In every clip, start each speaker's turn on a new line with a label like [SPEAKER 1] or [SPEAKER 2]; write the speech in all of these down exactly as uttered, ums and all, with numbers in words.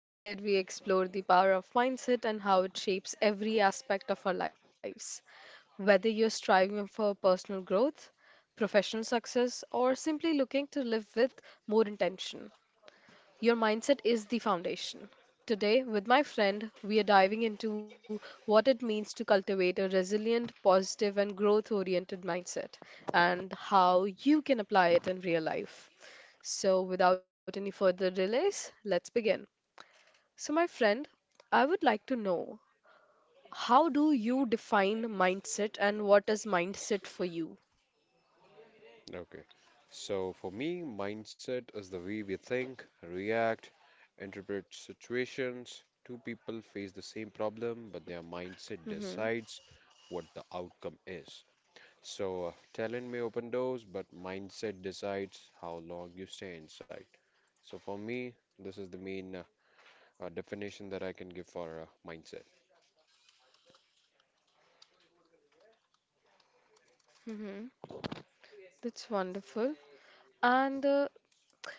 [SPEAKER 1] the show where we explore the power of mindset and how it shapes every aspect of our lives. Whether you're striving for personal growth, professional success, or simply looking to live with more intention, your mindset is the foundation. Today, with my friend, we are diving into what it means to cultivate a resilient, positive, and growth oriented mindset and how you can apply it in real life. So, without any further delays, let's begin. So, my friend, I would like to know, how do you define mindset and what is mindset for you?
[SPEAKER 2] Okay. So for me, mindset is the way we think, react, interpret situations. Two people face the same problem, but their mindset
[SPEAKER 1] Mm-hmm,
[SPEAKER 2] decides what the outcome is. So uh, talent may open doors, but mindset decides how long you stay inside. So for me, this is the main uh, uh, definition that I can give for uh, mindset.
[SPEAKER 1] mm-hmm. That's wonderful. And uh,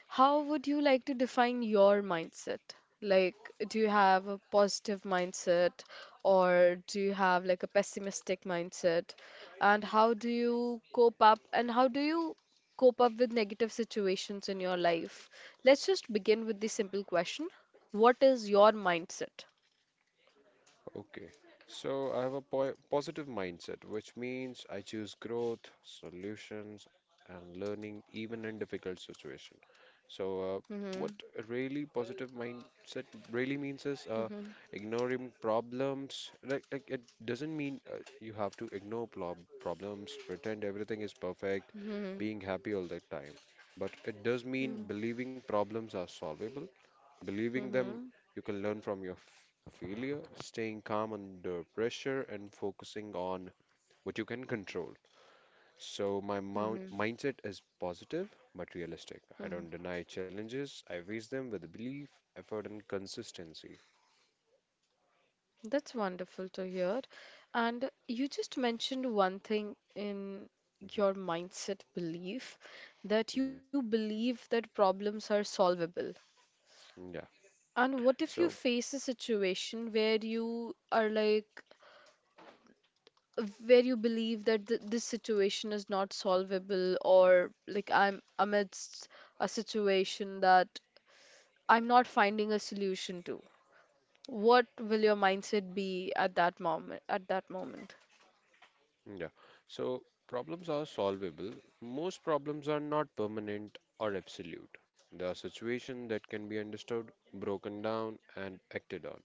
[SPEAKER 1] How would you like to define your mindset? Like, do you have a positive mindset or do you have like a pessimistic mindset? And how do you cope up and how do you cope up with negative situations in your life? Let's just begin with the simple question. What is your mindset?
[SPEAKER 2] Okay, so I have a po positive mindset, which means I choose growth, solutions, and learning even in difficult situation. So, uh,
[SPEAKER 1] Mm-hmm.
[SPEAKER 2] what really positive mindset really means is uh, ignoring problems. Like, like it doesn't mean uh, you have to ignore prob problems, pretend everything is perfect,
[SPEAKER 1] Mhm.
[SPEAKER 2] being happy all the time. But it does mean
[SPEAKER 1] Mhm.
[SPEAKER 2] believing problems are solvable believing them.
[SPEAKER 1] Mhm.
[SPEAKER 2] You can learn from your f- failure, staying calm under pressure, and focusing on what you can control. So, my mou-
[SPEAKER 1] Mhm.
[SPEAKER 2] mindset is positive but realistic. I
[SPEAKER 1] Mhm.
[SPEAKER 2] don't deny challenges, I face them with belief, effort, and consistency.
[SPEAKER 1] That's wonderful to hear. And you just mentioned one thing in
[SPEAKER 2] hmm
[SPEAKER 1] your mindset belief, that you
[SPEAKER 2] hmm
[SPEAKER 1] believe that problems are solvable.
[SPEAKER 2] Yeah.
[SPEAKER 1] And what if you
[SPEAKER 2] So,
[SPEAKER 1] face a situation where you are like where you believe that th- this situation is not solvable, or like I'm amidst a situation that I'm not finding a solution to? What will your mindset be at that moment at that moment?
[SPEAKER 2] yeah. So, problems are solvable. Most problems are not permanent or absolute. They are situations that can be understood, broken down, and acted on.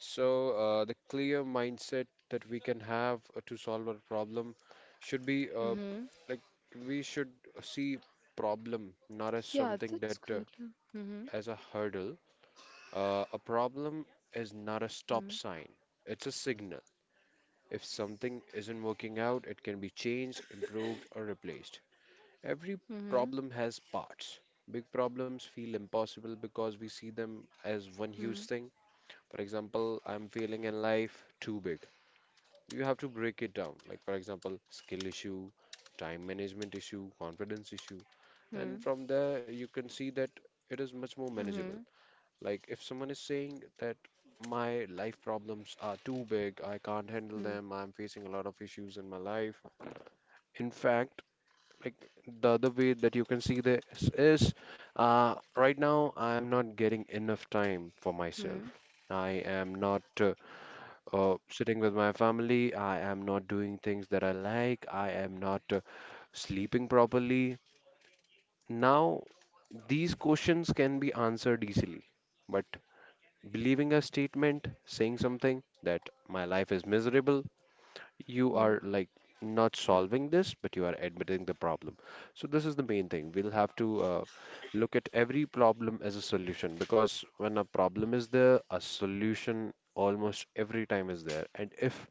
[SPEAKER 2] So, uh, the clear mindset that we can have uh, to solve our problem should be uh,
[SPEAKER 1] Mm-hmm.
[SPEAKER 2] like we should see problem not as
[SPEAKER 1] Yeah,
[SPEAKER 2] something that
[SPEAKER 1] that's
[SPEAKER 2] uh,
[SPEAKER 1] good. Mm-hmm.
[SPEAKER 2] as a hurdle. Uh, a problem is not a stop
[SPEAKER 1] Mm-hmm.
[SPEAKER 2] sign, it's a signal. If something isn't working out, it can be changed, improved, or replaced. Every
[SPEAKER 1] Mm-hmm.
[SPEAKER 2] problem has parts. Big problems feel impossible because we see them as one huge thing. For example, I'm failing in life, too big. You have to break it down, like for example skill issue, time management issue, confidence issue,
[SPEAKER 1] Mm-hmm.
[SPEAKER 2] and from there you can see that it is much more
[SPEAKER 1] Mm-hmm.
[SPEAKER 2] manageable.
[SPEAKER 1] Mm-hmm.
[SPEAKER 2] Like if someone is saying that my life problems are too big, I can't handle them, I'm facing a lot of issues in my life. In fact, like, the other way that you can see this is uh, right now I'm not getting enough time for myself, i am not uh, uh, sitting with my family. I am not doing things that I like. I am not uh, sleeping properly. Now, these questions can be answered easily, but believing a statement, saying something that my life is miserable,
[SPEAKER 1] Mm-hmm.
[SPEAKER 2] you are like not solving this, but you are admitting the problem. So, this is the main thing. We'll have to uh, look at every problem as a solution because when a problem is there, a solution almost every time is there. And if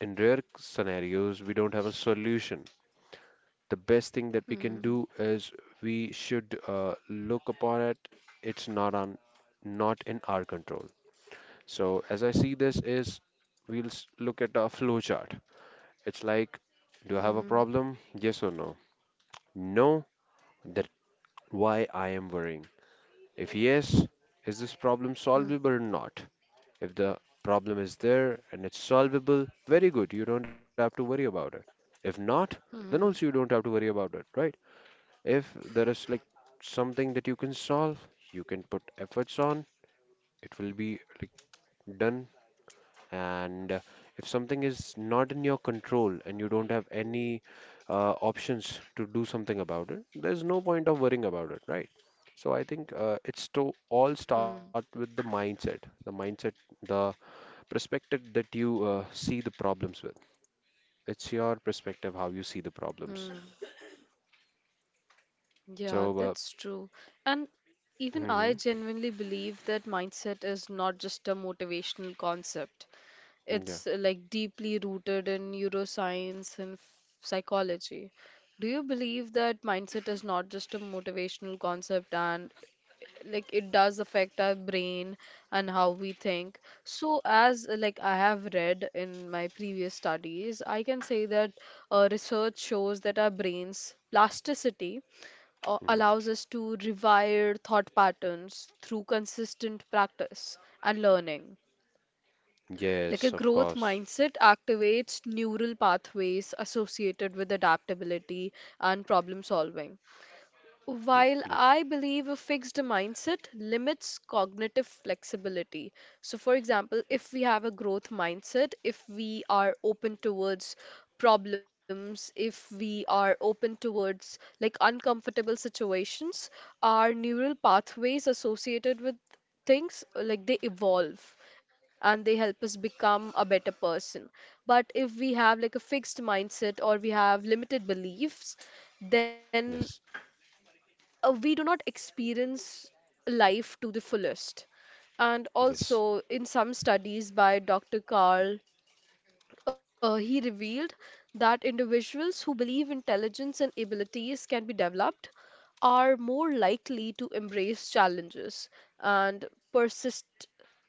[SPEAKER 2] in rare scenarios we don't have a solution, the best thing that we can
[SPEAKER 1] Mm-hmm.
[SPEAKER 2] do is we should uh, look upon it. It's not on not in our control. So as I see this is, we'll s- look at a flow chart. It's like, do I have a problem, yes or no? No, that why I am worrying. If yes, is this problem solvable or not? If the problem is there and it's solvable, very good. You don't have to worry about it. If not, then also
[SPEAKER 1] Mm-hmm.
[SPEAKER 2] you don't have to worry about it, right? If there is like something that you can solve, you can put efforts on, it will be like done. And uh, if something is not in your control and you don't have any uh, options to do something about it, there's no point of worrying about it, right? So I think uh, it's to all start
[SPEAKER 1] Mm-hmm.
[SPEAKER 2] with the mindset. The mindset, the perspective that you uh, see the problems with. It's your perspective how you see the problems.
[SPEAKER 1] Mm-hmm. Yeah,
[SPEAKER 2] So, uh,
[SPEAKER 1] that's true. And even I
[SPEAKER 2] hmm
[SPEAKER 1] genuinely believe that mindset is not just a motivational concept.
[SPEAKER 2] yeah,
[SPEAKER 1] It's uh, like deeply rooted in neuroscience and f- psychology. Do you believe that mindset is not just a motivational concept, and uh, like it does affect our brain and how we think? So as uh, like I have read in my previous studies, I can say that uh, research shows that our brains plasticity uh,
[SPEAKER 2] hmm
[SPEAKER 1] allows us to rewire thought patterns through consistent practice and learning. Like a
[SPEAKER 2] yes, of
[SPEAKER 1] growth
[SPEAKER 2] course.
[SPEAKER 1] mindset activates neural pathways associated with adaptability and problem solving,
[SPEAKER 2] Mm,
[SPEAKER 1] while
[SPEAKER 2] yes,
[SPEAKER 1] I believe a fixed mindset limits cognitive flexibility. So, for example, if we have a growth mindset, if we are open towards problems, if we are open towards like uncomfortable situations, our neural pathways associated with things like they evolve and they help us become a better person. But if we have like a fixed mindset or we have limited beliefs, then
[SPEAKER 2] yes,
[SPEAKER 1] uh, we do not experience life to the fullest. And
[SPEAKER 2] yes.
[SPEAKER 1] also, in some studies by Doctor Carl, uh, he revealed that individuals who believe intelligence and abilities can be developed are more likely to embrace challenges and persist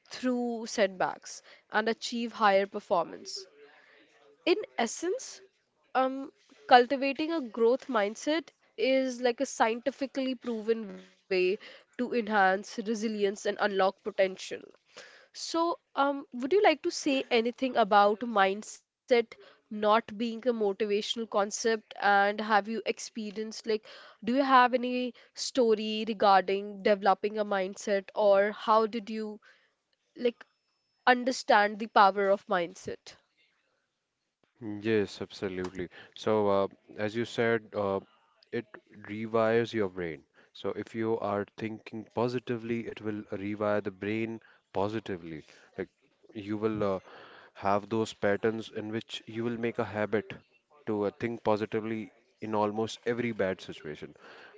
[SPEAKER 1] through setbacks and achieve higher performance. In essence, um, cultivating a growth mindset is like a scientifically proven way to enhance resilience and unlock potential. So, um, would you like to say anything about mindset not being a motivational concept? And have you experienced, like, do you have any story regarding developing a mindset, or how did you, like, understand the power of mindset?
[SPEAKER 2] Yes, absolutely. So, uh, as you said, uh, it rewires your brain. So, if you are thinking positively, it will rewire the brain positively. Like, you will uh, have those patterns in which you will make a habit to uh, think positively in almost every bad situation.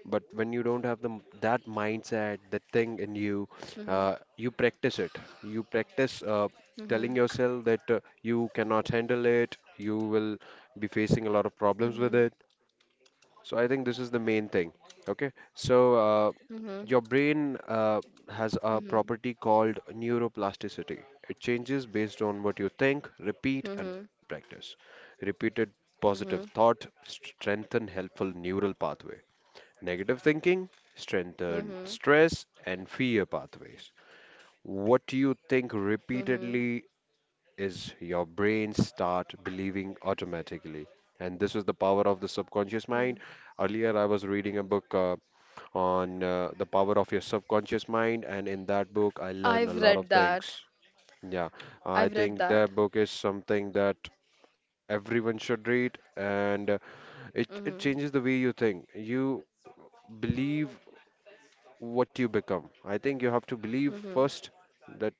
[SPEAKER 2] But when you don't have the, m- that mindset, that thing in you,
[SPEAKER 1] Mm-hmm,
[SPEAKER 2] uh, you practice it. You practice uh, telling
[SPEAKER 1] mm-hmm,
[SPEAKER 2] yourself that uh, you cannot handle it, you will be facing a lot of problems with it. So I think this is the main thing. Okay, so uh,
[SPEAKER 1] mhm,
[SPEAKER 2] your brain uh, has a
[SPEAKER 1] mhm,
[SPEAKER 2] property called neuroplasticity. It changes based on what you think, repeat, and
[SPEAKER 1] mhm,
[SPEAKER 2] practice. Repeated positive
[SPEAKER 1] mhm,
[SPEAKER 2] thought strengthen helpful neural pathway. Negative thinking strengthen
[SPEAKER 1] mhm,
[SPEAKER 2] stress and fear pathways. What you think
[SPEAKER 1] mhm,
[SPEAKER 2] repeatedly is your brain start believing automatically. And this is the power of the subconscious mind.
[SPEAKER 1] mhm.
[SPEAKER 2] Earlier, I was reading a book uh, on uh, the power of your subconscious mind, and in that book, I learned a
[SPEAKER 1] I've
[SPEAKER 2] lot of
[SPEAKER 1] read that.
[SPEAKER 2] things. Yeah, I
[SPEAKER 1] I've read
[SPEAKER 2] think
[SPEAKER 1] that.
[SPEAKER 2] that book is something that everyone should read, and uh, it it
[SPEAKER 1] Mhm,
[SPEAKER 2] changes the way you think. You believe what you become. I think you have to believe
[SPEAKER 1] mhm,
[SPEAKER 2] first that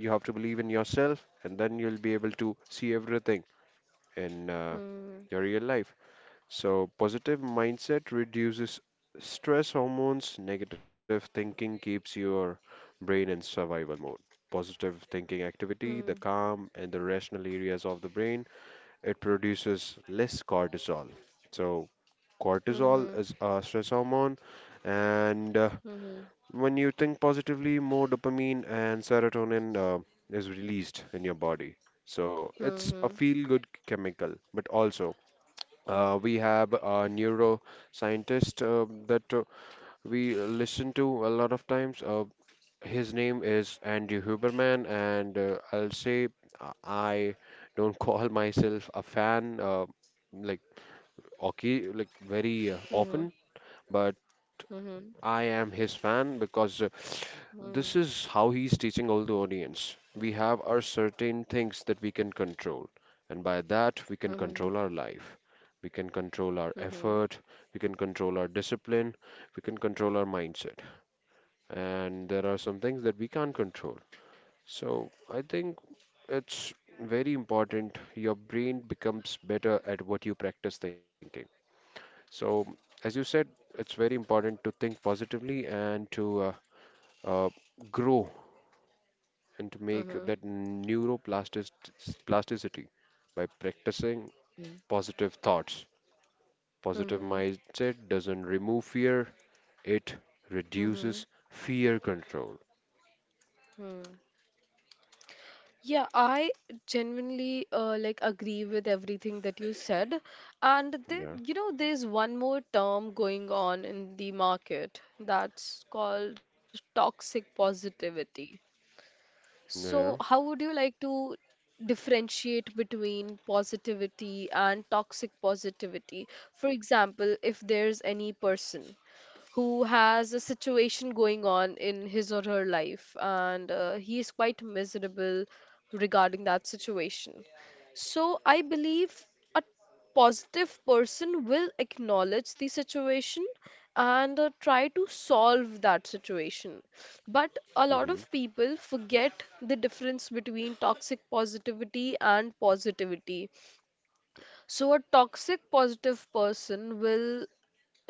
[SPEAKER 2] you have to believe in yourself, and then you'll be able to see everything in uh,
[SPEAKER 1] mhm,
[SPEAKER 2] your real life. So, positive mindset reduces stress hormones, negative thinking keeps your brain in survival mode. Positive thinking activity, the
[SPEAKER 1] mhm,
[SPEAKER 2] calm and the rational areas of the brain, it produces less cortisol. So, cortisol is a stress hormone, and uh,
[SPEAKER 1] mhm,
[SPEAKER 2] when you think positively, more dopamine and serotonin uh, is released in your body. So,
[SPEAKER 1] mhm,
[SPEAKER 2] it's a
[SPEAKER 1] mhm,
[SPEAKER 2] feel good chemical, but also uh,
[SPEAKER 1] mhm,
[SPEAKER 2] we have a neuroscientist uh, that uh, we listen to a lot of times. Uh, his name is Andy Huberman, and uh, I'll say uh, I don't call myself a fan uh, like okay, like very uh,
[SPEAKER 1] mhm, mhm, mhm, mhm, mhm,
[SPEAKER 2] often, but I am his fan because uh, this is how he's teaching all the audience. We have our certain things that we can control, and by that, we can control our life. We can control our effort, we can control our discipline, we can control our mindset. And there are some things that we can't control. So I think it's very important. Your brain becomes better at what you practice thinking. So, as you said, it's very important to think positively and to uh, uh, grow and to make that neuroplastic plasticity by practicing positive thoughts.
[SPEAKER 1] mhm,
[SPEAKER 2] Positive
[SPEAKER 1] mhm,
[SPEAKER 2] mindset doesn't remove fear, it
[SPEAKER 1] mhm, mhm,
[SPEAKER 2] reduces fear control.
[SPEAKER 1] mhm. Yeah, I genuinely uh, like agree with everything that you said. And there,
[SPEAKER 2] Yeah,
[SPEAKER 1] you know, there's one more term going on in the market that's called toxic positivity. So,
[SPEAKER 2] yeah.
[SPEAKER 1] how would you like to differentiate between positivity and toxic positivity? For example, if there's any person who has a situation going on in his or her life and uh, he is quite miserable regarding that situation. So I believe a positive person will acknowledge the situation and uh, try to solve that situation. But a lot
[SPEAKER 2] Mm-hmm.
[SPEAKER 1] of people forget the difference between toxic positivity and positivity. So a toxic positive person will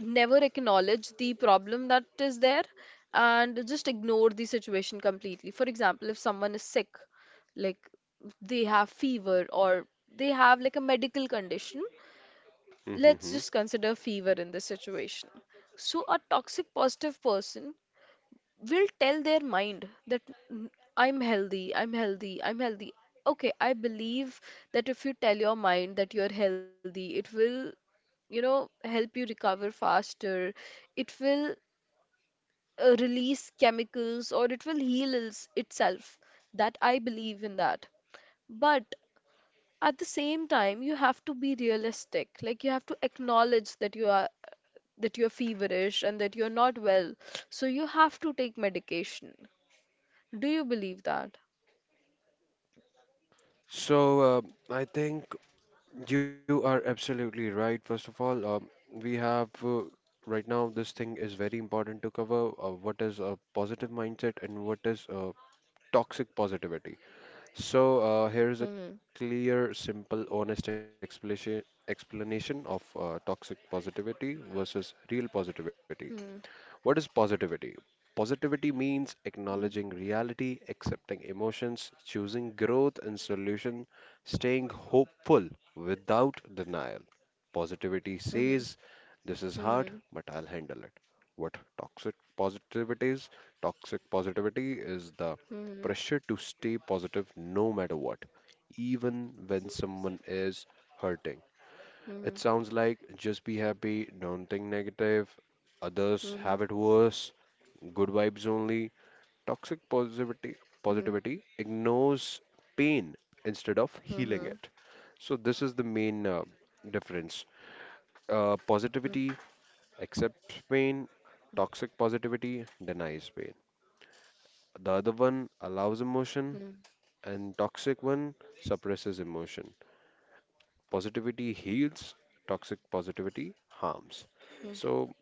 [SPEAKER 1] never acknowledge the problem that is there and just ignore the situation completely. For example, if someone is sick, like they have fever or they have like a medical condition, let's
[SPEAKER 2] Mm-hmm.
[SPEAKER 1] just consider fever in this situation. So, a toxic positive person will tell their mind that, "N- I'm healthy, I'm healthy, I'm healthy." Okay, I believe that if you tell your mind that you're healthy, it will, you know, help you recover faster. It will uh, release chemicals, or it will heal its- itself. That I believe in that. But at the same time, you have to be realistic. Like you have to acknowledge that you are that you're feverish and that you're not well. So you have to take medication. Do you believe that?
[SPEAKER 2] So, uh, I think you are absolutely right. First of all, uh, we have uh, right now this thing is very important to cover uh, what is a positive mindset and what is uh, toxic positivity. So, uh, here is a
[SPEAKER 1] Hmm.
[SPEAKER 2] clear, simple, honest explanation explanation of uh, toxic positivity versus real positivity.
[SPEAKER 1] Hmm.
[SPEAKER 2] What is positivity? Positivity means
[SPEAKER 1] Hmm.
[SPEAKER 2] acknowledging reality, accepting emotions, choosing growth and solution, staying hopeful without denial. Positivity
[SPEAKER 1] Hmm.
[SPEAKER 2] says, this is hard,
[SPEAKER 1] Hmm.
[SPEAKER 2] but I'll handle it. What toxic positivity is? Toxic positivity is the
[SPEAKER 1] Hmm. Hmm.
[SPEAKER 2] pressure to stay positive no matter what, even when someone is hurting.
[SPEAKER 1] Hmm.
[SPEAKER 2] It sounds like just be happy, don't think negative,
[SPEAKER 1] Hmm.
[SPEAKER 2] others have it worse, good vibes only. Toxic positivity
[SPEAKER 1] Hmm. Hmm.
[SPEAKER 2] positivity ignores pain instead of
[SPEAKER 1] Hmm. Hmm. Hmm.
[SPEAKER 2] healing
[SPEAKER 1] Hmm. Hmm.
[SPEAKER 2] it. So this is the main uh, difference. Uh, positivity accepts pain, toxic positivity denies pain. The other one allows emotion and toxic one suppresses emotion. Positivity heals, toxic positivity harms. So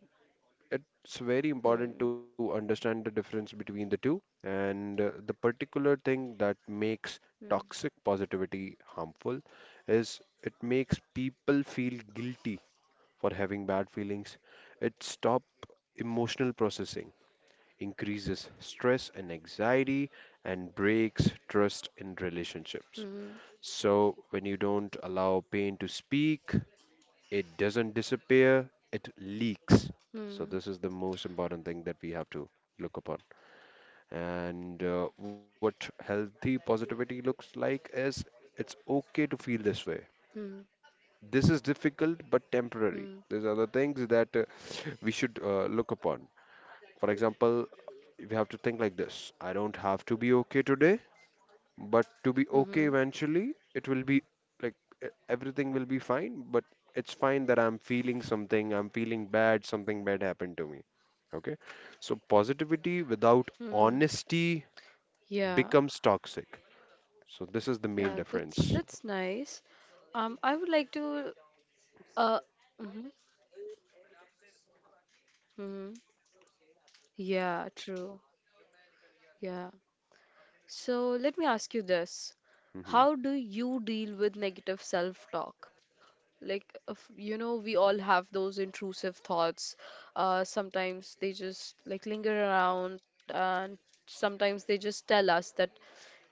[SPEAKER 2] it's very important to understand the difference between the two and uh, the particular thing that makes toxic positivity harmful is it makes people feel guilty for having bad feelings. It stops emotional processing, increases stress and anxiety, and breaks trust in relationships. So when you don't allow pain to speak, it doesn't disappear, it leaks. So, this is the most important thing that we have to look upon. And uh, what healthy positivity looks like is it's okay to feel this way.
[SPEAKER 1] Hmm.
[SPEAKER 2] This is difficult but temporary.
[SPEAKER 1] Hmm.
[SPEAKER 2] There's other things that uh, we should uh, look upon. For example, we have to think like this: I don't have to be okay today but to be okay
[SPEAKER 1] Hmm.
[SPEAKER 2] eventually. It will be like e- everything will be fine, but it's fine that I'm feeling something. I'm feeling bad, something bad happened to me. Okay. So positivity without
[SPEAKER 1] Hmm.
[SPEAKER 2] honesty
[SPEAKER 1] Yeah.
[SPEAKER 2] becomes toxic. So this is the main
[SPEAKER 1] Yeah,
[SPEAKER 2] difference.
[SPEAKER 1] That's that's nice. Um, I would like to uh. Mhm. Hmm. Yeah, true. Yeah. So let me ask you this.
[SPEAKER 2] hmm
[SPEAKER 1] How do you deal with negative self-talk? Like, if, you know, we all have those intrusive thoughts. Uh, sometimes they just like linger around, and sometimes they just tell us that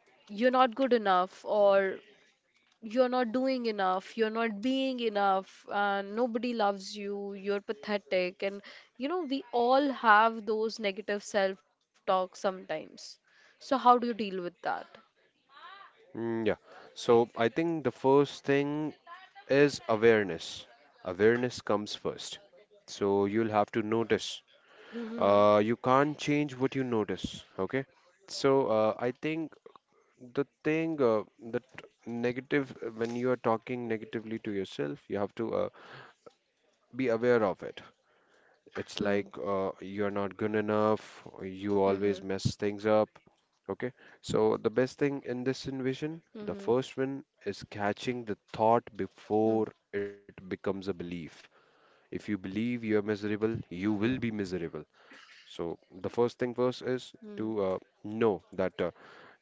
[SPEAKER 1] you're not good enough, or you're not doing enough, you're not being enough, and nobody loves you, you're pathetic. And, you know, we all have those negative self-talk sometimes. So, how do you deal with that?
[SPEAKER 2] Mm, yeah. So I think the first thing is awareness. Awareness comes first. So you'll have to notice. Uh, you
[SPEAKER 1] Mhm.
[SPEAKER 2] can't change what you notice. Okay. So uh, I think the thing uh, that negative uh, when you are talking negatively to yourself you have to uh, be aware of it. It's like
[SPEAKER 1] Mhm.
[SPEAKER 2] uh, you're not good enough, or you always
[SPEAKER 1] Mhm.
[SPEAKER 2] mess things up. Okay, so the best thing in this envision, the first
[SPEAKER 1] Mhm.
[SPEAKER 2] one is catching the thought before
[SPEAKER 1] Mhm.
[SPEAKER 2] it becomes a belief. If you believe you're miserable, you will be
[SPEAKER 1] Mhm.
[SPEAKER 2] miserable. So the first thing first is to uh,
[SPEAKER 1] Mhm.
[SPEAKER 2] know that uh,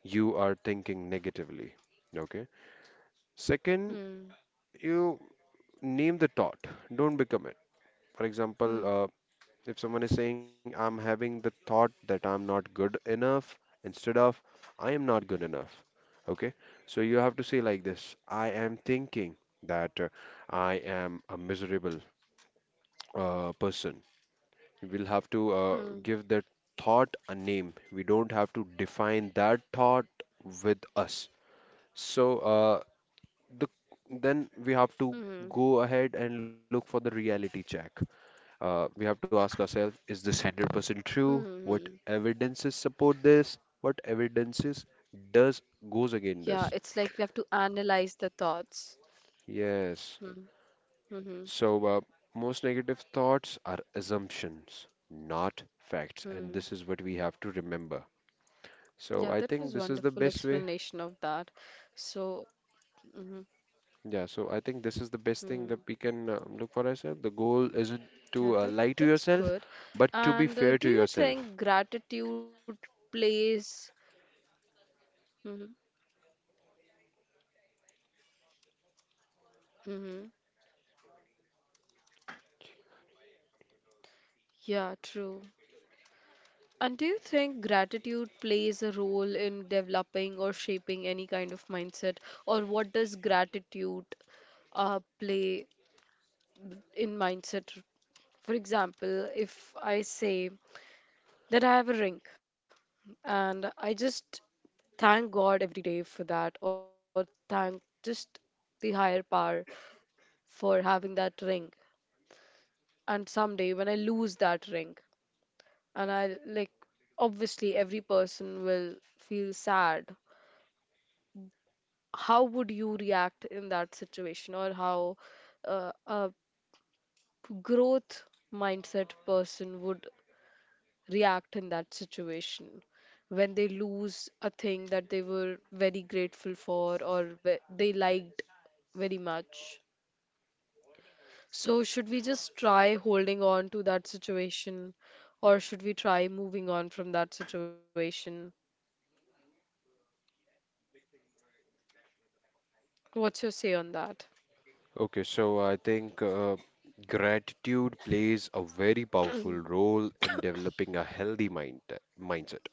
[SPEAKER 2] you are thinking negatively. Okay. Second,
[SPEAKER 1] Mhm.
[SPEAKER 2] you name the thought, don't become it. For example,
[SPEAKER 1] Mhm.
[SPEAKER 2] uh, if someone is saying, I'm having the thought that I'm not good enough, instead of I am not good enough. Okay, so you have to say like this: I am thinking that uh, I am a miserable uh, person. We'll have to uh,
[SPEAKER 1] Mhm.
[SPEAKER 2] give that thought a name. We don't have to define that thought with us. So uh, the then we have to
[SPEAKER 1] Mhm.
[SPEAKER 2] go ahead and look for the reality check. Uh, we have to ask ourselves, is this one hundred percent true? What
[SPEAKER 1] Mhm.
[SPEAKER 2] evidences support this? What evidences does goes
[SPEAKER 1] Yeah,
[SPEAKER 2] against this?
[SPEAKER 1] it's like we have to analyze the thoughts.
[SPEAKER 2] Yes.
[SPEAKER 1] Mm. Mhm.
[SPEAKER 2] So uh, most negative thoughts are assumptions, not facts, and
[SPEAKER 1] Mm.
[SPEAKER 2] this is what we have to remember. So
[SPEAKER 1] Yeah,
[SPEAKER 2] I
[SPEAKER 1] that
[SPEAKER 2] think
[SPEAKER 1] was
[SPEAKER 2] this is the
[SPEAKER 1] wonderful
[SPEAKER 2] best way.
[SPEAKER 1] explanation of that. So, mhm.
[SPEAKER 2] Yeah, so I think this is the best thing that
[SPEAKER 1] Mm.
[SPEAKER 2] we can uh, look for ourselves. The goal isn't
[SPEAKER 1] Yeah,
[SPEAKER 2] to uh,
[SPEAKER 1] that
[SPEAKER 2] lie to
[SPEAKER 1] that's
[SPEAKER 2] yourself,
[SPEAKER 1] good.
[SPEAKER 2] but to be
[SPEAKER 1] And uh,
[SPEAKER 2] fair
[SPEAKER 1] do
[SPEAKER 2] to
[SPEAKER 1] you
[SPEAKER 2] yourself.
[SPEAKER 1] think gratitude plays? Mhm. Mhm. Yeah, true. And do you think gratitude plays a role in developing or shaping any kind of mindset? Or what does gratitude uh, play in mindset? For example, if I say that I have a ring and I just thank God every day for that, or thank just the higher power for having that ring. And someday when I lose that ring, and I like, obviously every person will feel sad, how would you react in that situation, or how uh, a growth mindset person would react in that situation when they lose a thing that they were very grateful for, or ve- they liked very much? So, should we just try holding on to that situation, or should we try moving on from that situation? What's your say on that?
[SPEAKER 2] Okay, so I think uh, gratitude plays a very powerful role in developing a healthy mind mindset.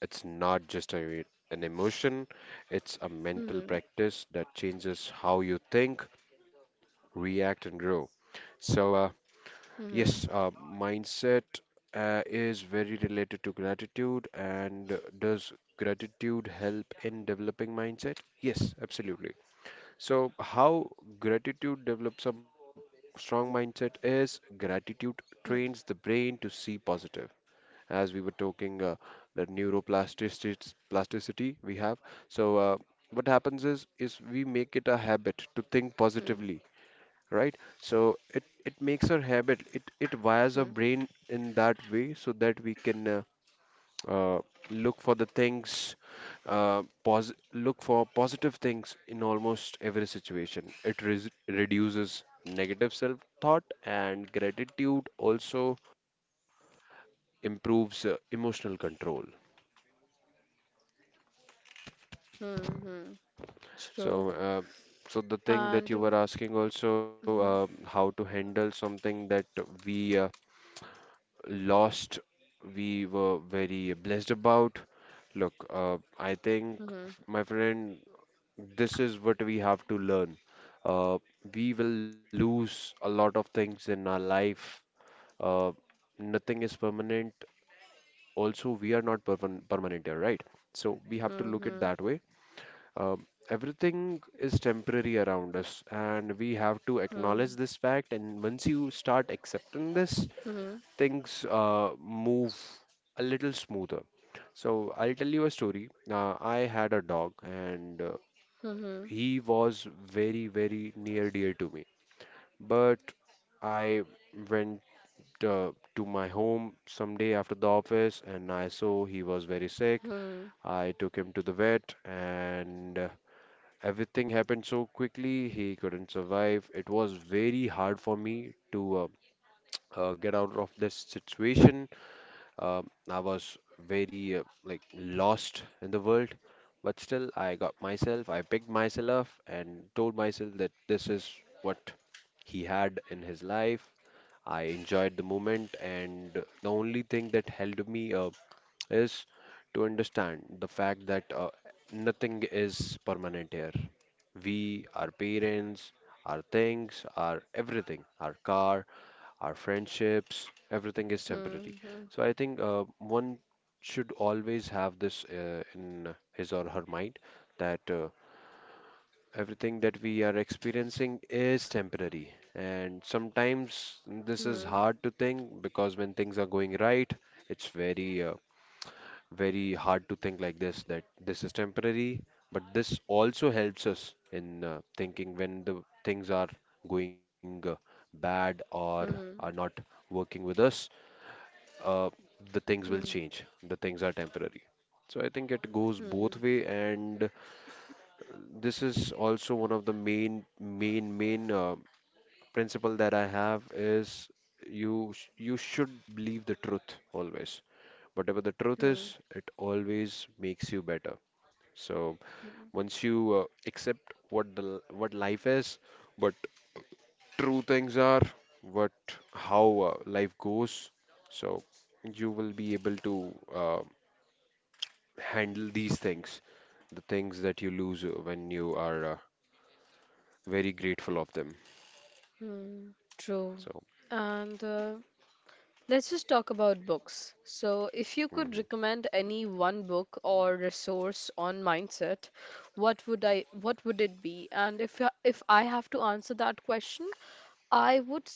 [SPEAKER 2] It's not just a, an emotion, it's a
[SPEAKER 1] Hmm.
[SPEAKER 2] mental
[SPEAKER 1] Hmm.
[SPEAKER 2] practice that changes how you think, react, and grow. So, uh, yes, uh, mindset uh, is very related to gratitude. And does gratitude help in developing mindset? Yes, absolutely. So, how gratitude develops a strong mindset is gratitude
[SPEAKER 1] Hmm.
[SPEAKER 2] trains the brain to see positive. As we were talking, uh, the neuroplasticity plasticity we have. So, uh, what happens is is we make it a habit to think positively, right? So it
[SPEAKER 1] Hmm. Hmm.
[SPEAKER 2] it makes our habit. It it wires our brain in that way so that we can uh, uh, look for the things, uh, pos- look for positive things in almost every situation. It res- reduces negative self thought, and gratitude also improves uh, emotional control.
[SPEAKER 1] Hmm. Hmm. True.
[SPEAKER 2] So, uh, so the thing that you were
[SPEAKER 1] And
[SPEAKER 2] asking also, uh,
[SPEAKER 1] hmm,
[SPEAKER 2] how to handle something that we uh, lost, we were very blessed about. Look, uh, I think,
[SPEAKER 1] hmm,
[SPEAKER 2] my friend, this is what we have to learn. Uh, we will lose a lot of things in our life. Uh, Nothing is permanent. Also, we are not perman- permanent here, right? So we have to
[SPEAKER 1] hmm,
[SPEAKER 2] look at
[SPEAKER 1] hmm,
[SPEAKER 2] that way. Um, everything is temporary around us, and we have to acknowledge
[SPEAKER 1] hmm,
[SPEAKER 2] this fact. And once you start accepting this,
[SPEAKER 1] hmm,
[SPEAKER 2] things uh, move a little smoother. So I'll tell you a story. Uh, I had a dog, and uh,
[SPEAKER 1] hmm, hmm,
[SPEAKER 2] he was very, very near dear to me. But I went uh, to my home some day after the office, and I saw he was very sick.
[SPEAKER 1] hmm,
[SPEAKER 2] I took him to the vet, and uh, everything happened so quickly. He couldn't survive. It was very hard for me to uh, uh, get out of this situation. Uh, I was very uh, like lost in the world, but still I got myself, I picked myself up and told myself that this is what he had in his life. I enjoyed the moment, and the only thing that helped me uh, is to understand the fact that uh, nothing is permanent here. We, our parents, our things, our everything, our car, our friendships, everything is temporary.
[SPEAKER 1] hmm, hmm,
[SPEAKER 2] So I think uh, one should always have this uh, in his or her mind that uh, everything that we are experiencing is temporary. And sometimes
[SPEAKER 1] hmm,
[SPEAKER 2] this is
[SPEAKER 1] hmm,
[SPEAKER 2] hard to think because when things are going right, it's very, uh, very hard to think like this that this is temporary. But this also helps us in uh, thinking when the things are going uh, bad or are not working with us, uh, the things will change. The things are temporary. So I think it goes
[SPEAKER 1] hmm,
[SPEAKER 2] both way, and this is also one of the main, main, main uh, principle that I have is you sh- you should believe the truth always. Whatever the truth
[SPEAKER 1] hmm,
[SPEAKER 2] is, it always makes you better. So
[SPEAKER 1] hmm.
[SPEAKER 2] once you uh, accept what the l- what life is, but true things are, what how uh, life goes. So you will be able to uh, handle these things, the things that you lose uh, when you are uh, very grateful of them.
[SPEAKER 1] Hmm, true.
[SPEAKER 2] So.
[SPEAKER 1] And uh, let's just talk about books. So, if you could
[SPEAKER 2] Mm-hmm,
[SPEAKER 1] recommend any one book or resource on mindset, what would I what would it be? And if I- if I have to answer that question, I would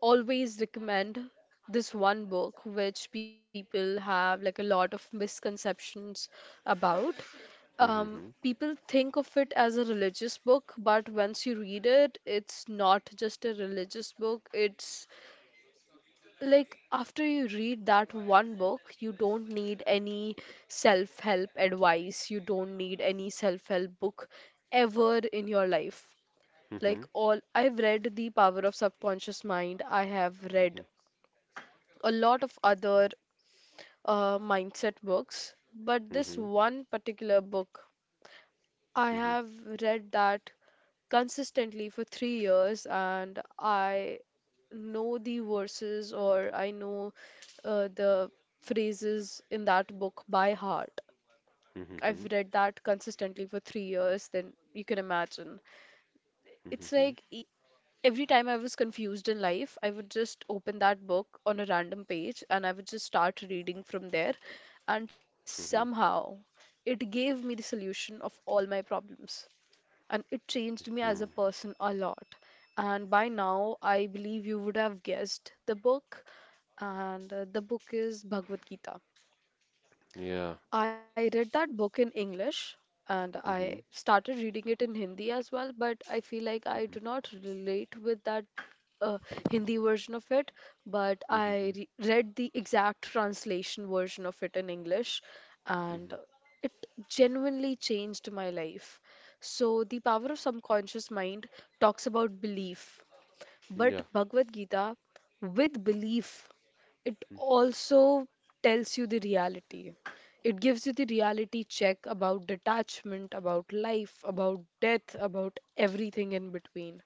[SPEAKER 1] always recommend this one book which people have like a lot of misconceptions about. Um,
[SPEAKER 2] mm-hmm,
[SPEAKER 1] people think of it as a religious book, but once you read it, it's not just a religious book. It's like after you read that one book, you don't need any self-help advice. You don't need any self-help book ever in your life.
[SPEAKER 2] mm-hmm,
[SPEAKER 1] Like, all I've read The Power of Subconscious Mind, I have read a lot of other uh, mindset books, but this
[SPEAKER 2] mm-hmm,
[SPEAKER 1] one particular book, I
[SPEAKER 2] mm-hmm,
[SPEAKER 1] have read that consistently for three years, and I know the verses or I know uh, the phrases in that book by heart.
[SPEAKER 2] mm-hmm,
[SPEAKER 1] I've
[SPEAKER 2] mm-hmm,
[SPEAKER 1] read that consistently for three years, then you can imagine. It's
[SPEAKER 2] mm-hmm,
[SPEAKER 1] like every time I was confused in life, I would just open that book on a random page and I would just start reading from there. And
[SPEAKER 2] mm-hmm.
[SPEAKER 1] somehow it gave me the solution of all my problems. And it changed me
[SPEAKER 2] Mm-hmm.
[SPEAKER 1] as a person a lot. And by now, I believe you would have guessed the book. And uh, the book is Bhagavad Gita.
[SPEAKER 2] Yeah.
[SPEAKER 1] I read that book in English and
[SPEAKER 2] Mm-hmm.
[SPEAKER 1] I started reading it in Hindi as well, but I feel like I
[SPEAKER 2] Mm-hmm.
[SPEAKER 1] do not relate with that uh, Hindi version of it. But I
[SPEAKER 2] Mm-hmm.
[SPEAKER 1] re read the exact translation version of it in English, and
[SPEAKER 2] Mm-hmm,
[SPEAKER 1] it genuinely changed my life. So, The Power of Subconscious Mind talks about belief. But
[SPEAKER 2] yeah.
[SPEAKER 1] Bhagavad Gita, with belief, it also tells you the reality. It gives you the reality check about detachment, about life, about death, about everything in between.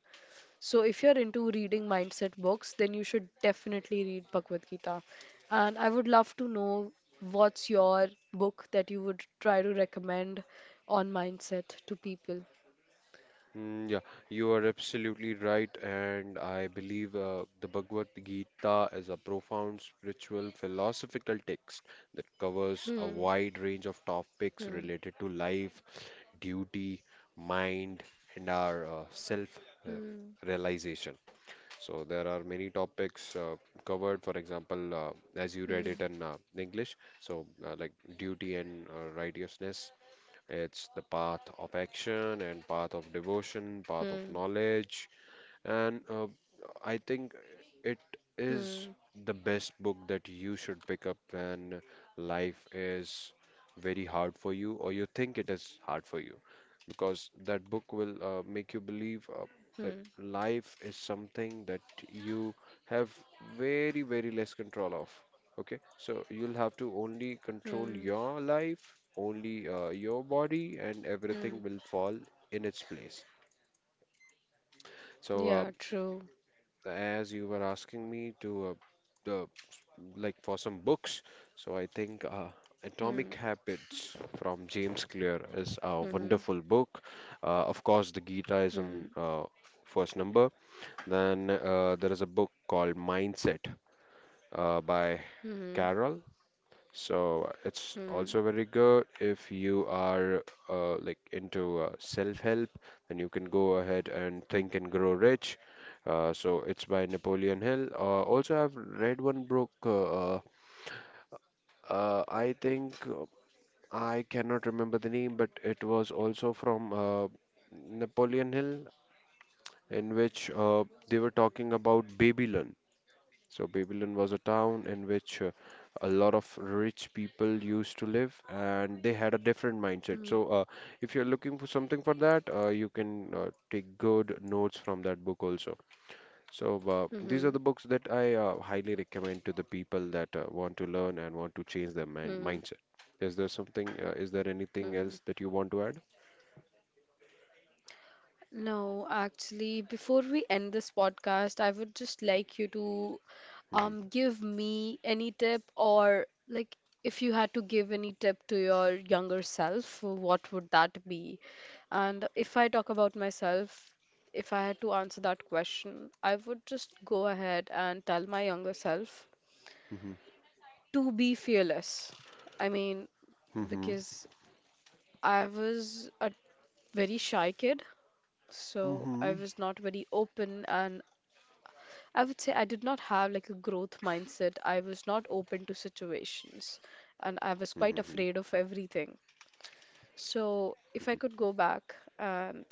[SPEAKER 1] So, if you're into reading mindset books, then you should definitely read Bhagavad Gita. And I would love to know, what's your book that you would try to recommend on mindset to people?
[SPEAKER 2] Mm, yeah, you are absolutely right, and I believe uh, the Bhagavad Gita is a profound spiritual philosophical text that covers a
[SPEAKER 1] Hmm,
[SPEAKER 2] wide range of topics
[SPEAKER 1] hmm,
[SPEAKER 2] related to life, duty, mind, and our uh, self uh,
[SPEAKER 1] hmm,
[SPEAKER 2] realization. So there are many topics uh, covered, for example, uh, as you read
[SPEAKER 1] hmm,
[SPEAKER 2] it in uh, English, so uh, like duty and uh, righteousness, it's the path of action and path of devotion, path of
[SPEAKER 1] hmm,
[SPEAKER 2] knowledge, and uh, I think it is
[SPEAKER 1] hmm.
[SPEAKER 2] the best book that you should pick up when life is very hard for you, or you think it is hard for you. Because that book will uh, make you believe uh,
[SPEAKER 1] Hmm.
[SPEAKER 2] that life is something that you have very, very less control of. Okay, so you'll have to only control
[SPEAKER 1] Hmm.
[SPEAKER 2] your life, only uh, your body, and
[SPEAKER 1] Hmm.
[SPEAKER 2] everything will fall in its place. So, uh,
[SPEAKER 1] Yeah, true.
[SPEAKER 2] as you were asking me to uh, the like for some books, so I think uh, Atomic
[SPEAKER 1] Hmm.
[SPEAKER 2] Habits from James Clear is a
[SPEAKER 1] Hmm.
[SPEAKER 2] wonderful book. Uh, of course, the Gita is on
[SPEAKER 1] Hmm.
[SPEAKER 2] uh, first number. Then uh, there is a book called Mindset uh, by
[SPEAKER 1] Hmm.
[SPEAKER 2] Carol. So it's
[SPEAKER 1] Hmm.
[SPEAKER 2] also very good. If you are uh, like into uh, self-help, then you can go ahead and
[SPEAKER 1] Hmm.
[SPEAKER 2] Think and Grow Rich. Uh, so it's by Napoleon Hill. Uh, also, I've read one book. Uh, uh, uh, I think uh, I cannot remember the name, but it was also from uh, Napoleon Hill, in which uh, they were talking about Babylon. So Babylon was a town in which uh, a lot of rich people used to live, and they had a different mindset.
[SPEAKER 1] Hmm.
[SPEAKER 2] So uh, if you're looking for something for that, uh, you can uh, take good notes from that book also. So uh, these are
[SPEAKER 1] Hmm.
[SPEAKER 2] the books that I uh, highly recommend to the people that uh, want to learn and want to change their mind
[SPEAKER 1] Hmm.
[SPEAKER 2] mindset. Is there something? Uh, is there anything
[SPEAKER 1] Hmm.
[SPEAKER 2] else that you want to add?
[SPEAKER 1] No, actually, before we end this podcast, I would just like you to
[SPEAKER 2] Hmm.
[SPEAKER 1] um give me any tip, or like, if you had to give any tip to your younger self, what would that be? And if I talk about myself, if I had to answer that question, I would just go ahead and tell my younger self
[SPEAKER 2] Hmm.
[SPEAKER 1] to be fearless. I mean,
[SPEAKER 2] Hmm.
[SPEAKER 1] because I was a very shy kid, so I
[SPEAKER 2] Hmm.
[SPEAKER 1] was not very open, and I would say I did not have like a growth mindset. I was not open to situations and I was
[SPEAKER 2] Hmm.
[SPEAKER 1] quite afraid of everything. So,
[SPEAKER 2] Hmm.
[SPEAKER 1] if I could go back and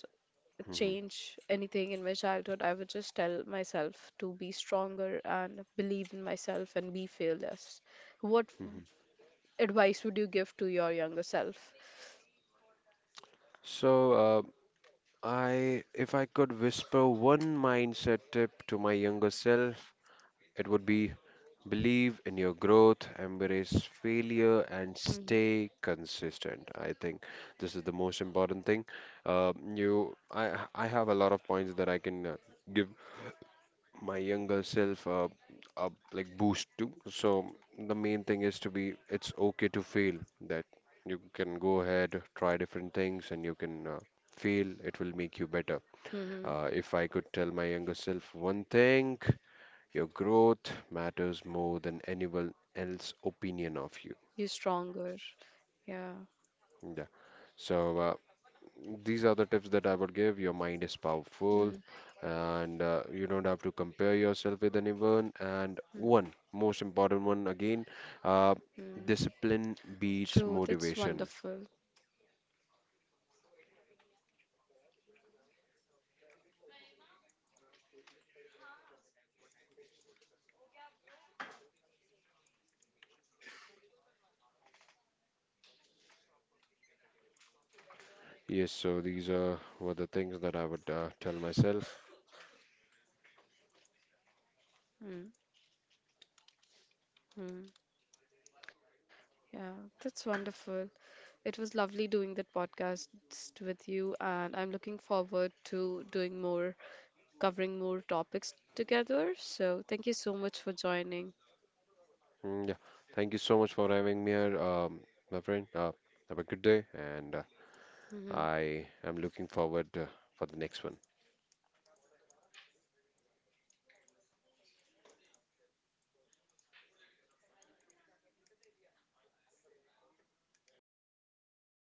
[SPEAKER 2] Hmm.
[SPEAKER 1] change anything in my childhood, I would just tell myself to be stronger and believe in myself and be fearless. What
[SPEAKER 2] Hmm.
[SPEAKER 1] advice would you give to your younger self?
[SPEAKER 2] So, uh, I, if I could whisper one mindset tip to my younger self, it would be believe in your growth, embrace failure, and
[SPEAKER 1] Mm-hmm.
[SPEAKER 2] stay consistent. I think this is the most important thing. Uh, you, I, I have a lot of points that I can uh, give my younger self a, a like boost to. So the main thing is to be, it's okay to fail. That you can go ahead, try different things, and you can uh, fail. It will make you better.
[SPEAKER 1] Mm-hmm.
[SPEAKER 2] Uh, if I could tell my younger self one thing, your growth matters more than anyone else's opinion of you.
[SPEAKER 1] Be stronger. Yeah.
[SPEAKER 2] Yeah. So uh, these are the tips that I would give. Your mind is powerful,
[SPEAKER 1] Mm-hmm.
[SPEAKER 2] and uh, you don't have to compare yourself with anyone. And one most important one again, uh,
[SPEAKER 1] Mm-hmm.
[SPEAKER 2] discipline beats
[SPEAKER 1] True. That's
[SPEAKER 2] motivation.
[SPEAKER 1] wonderful.
[SPEAKER 2] Yes. So these are were the things that I would uh, tell myself.
[SPEAKER 1] Mm-hmm. Yeah, that's wonderful. It was lovely doing that podcast with you, and I'm looking forward to doing more, covering more topics together. So, thank you so much for joining.
[SPEAKER 2] Mm, yeah. Thank you so much for having me here, um, my friend. Uh, have a good day, and uh,
[SPEAKER 1] Mhm.
[SPEAKER 2] I am looking forward uh, for the next one.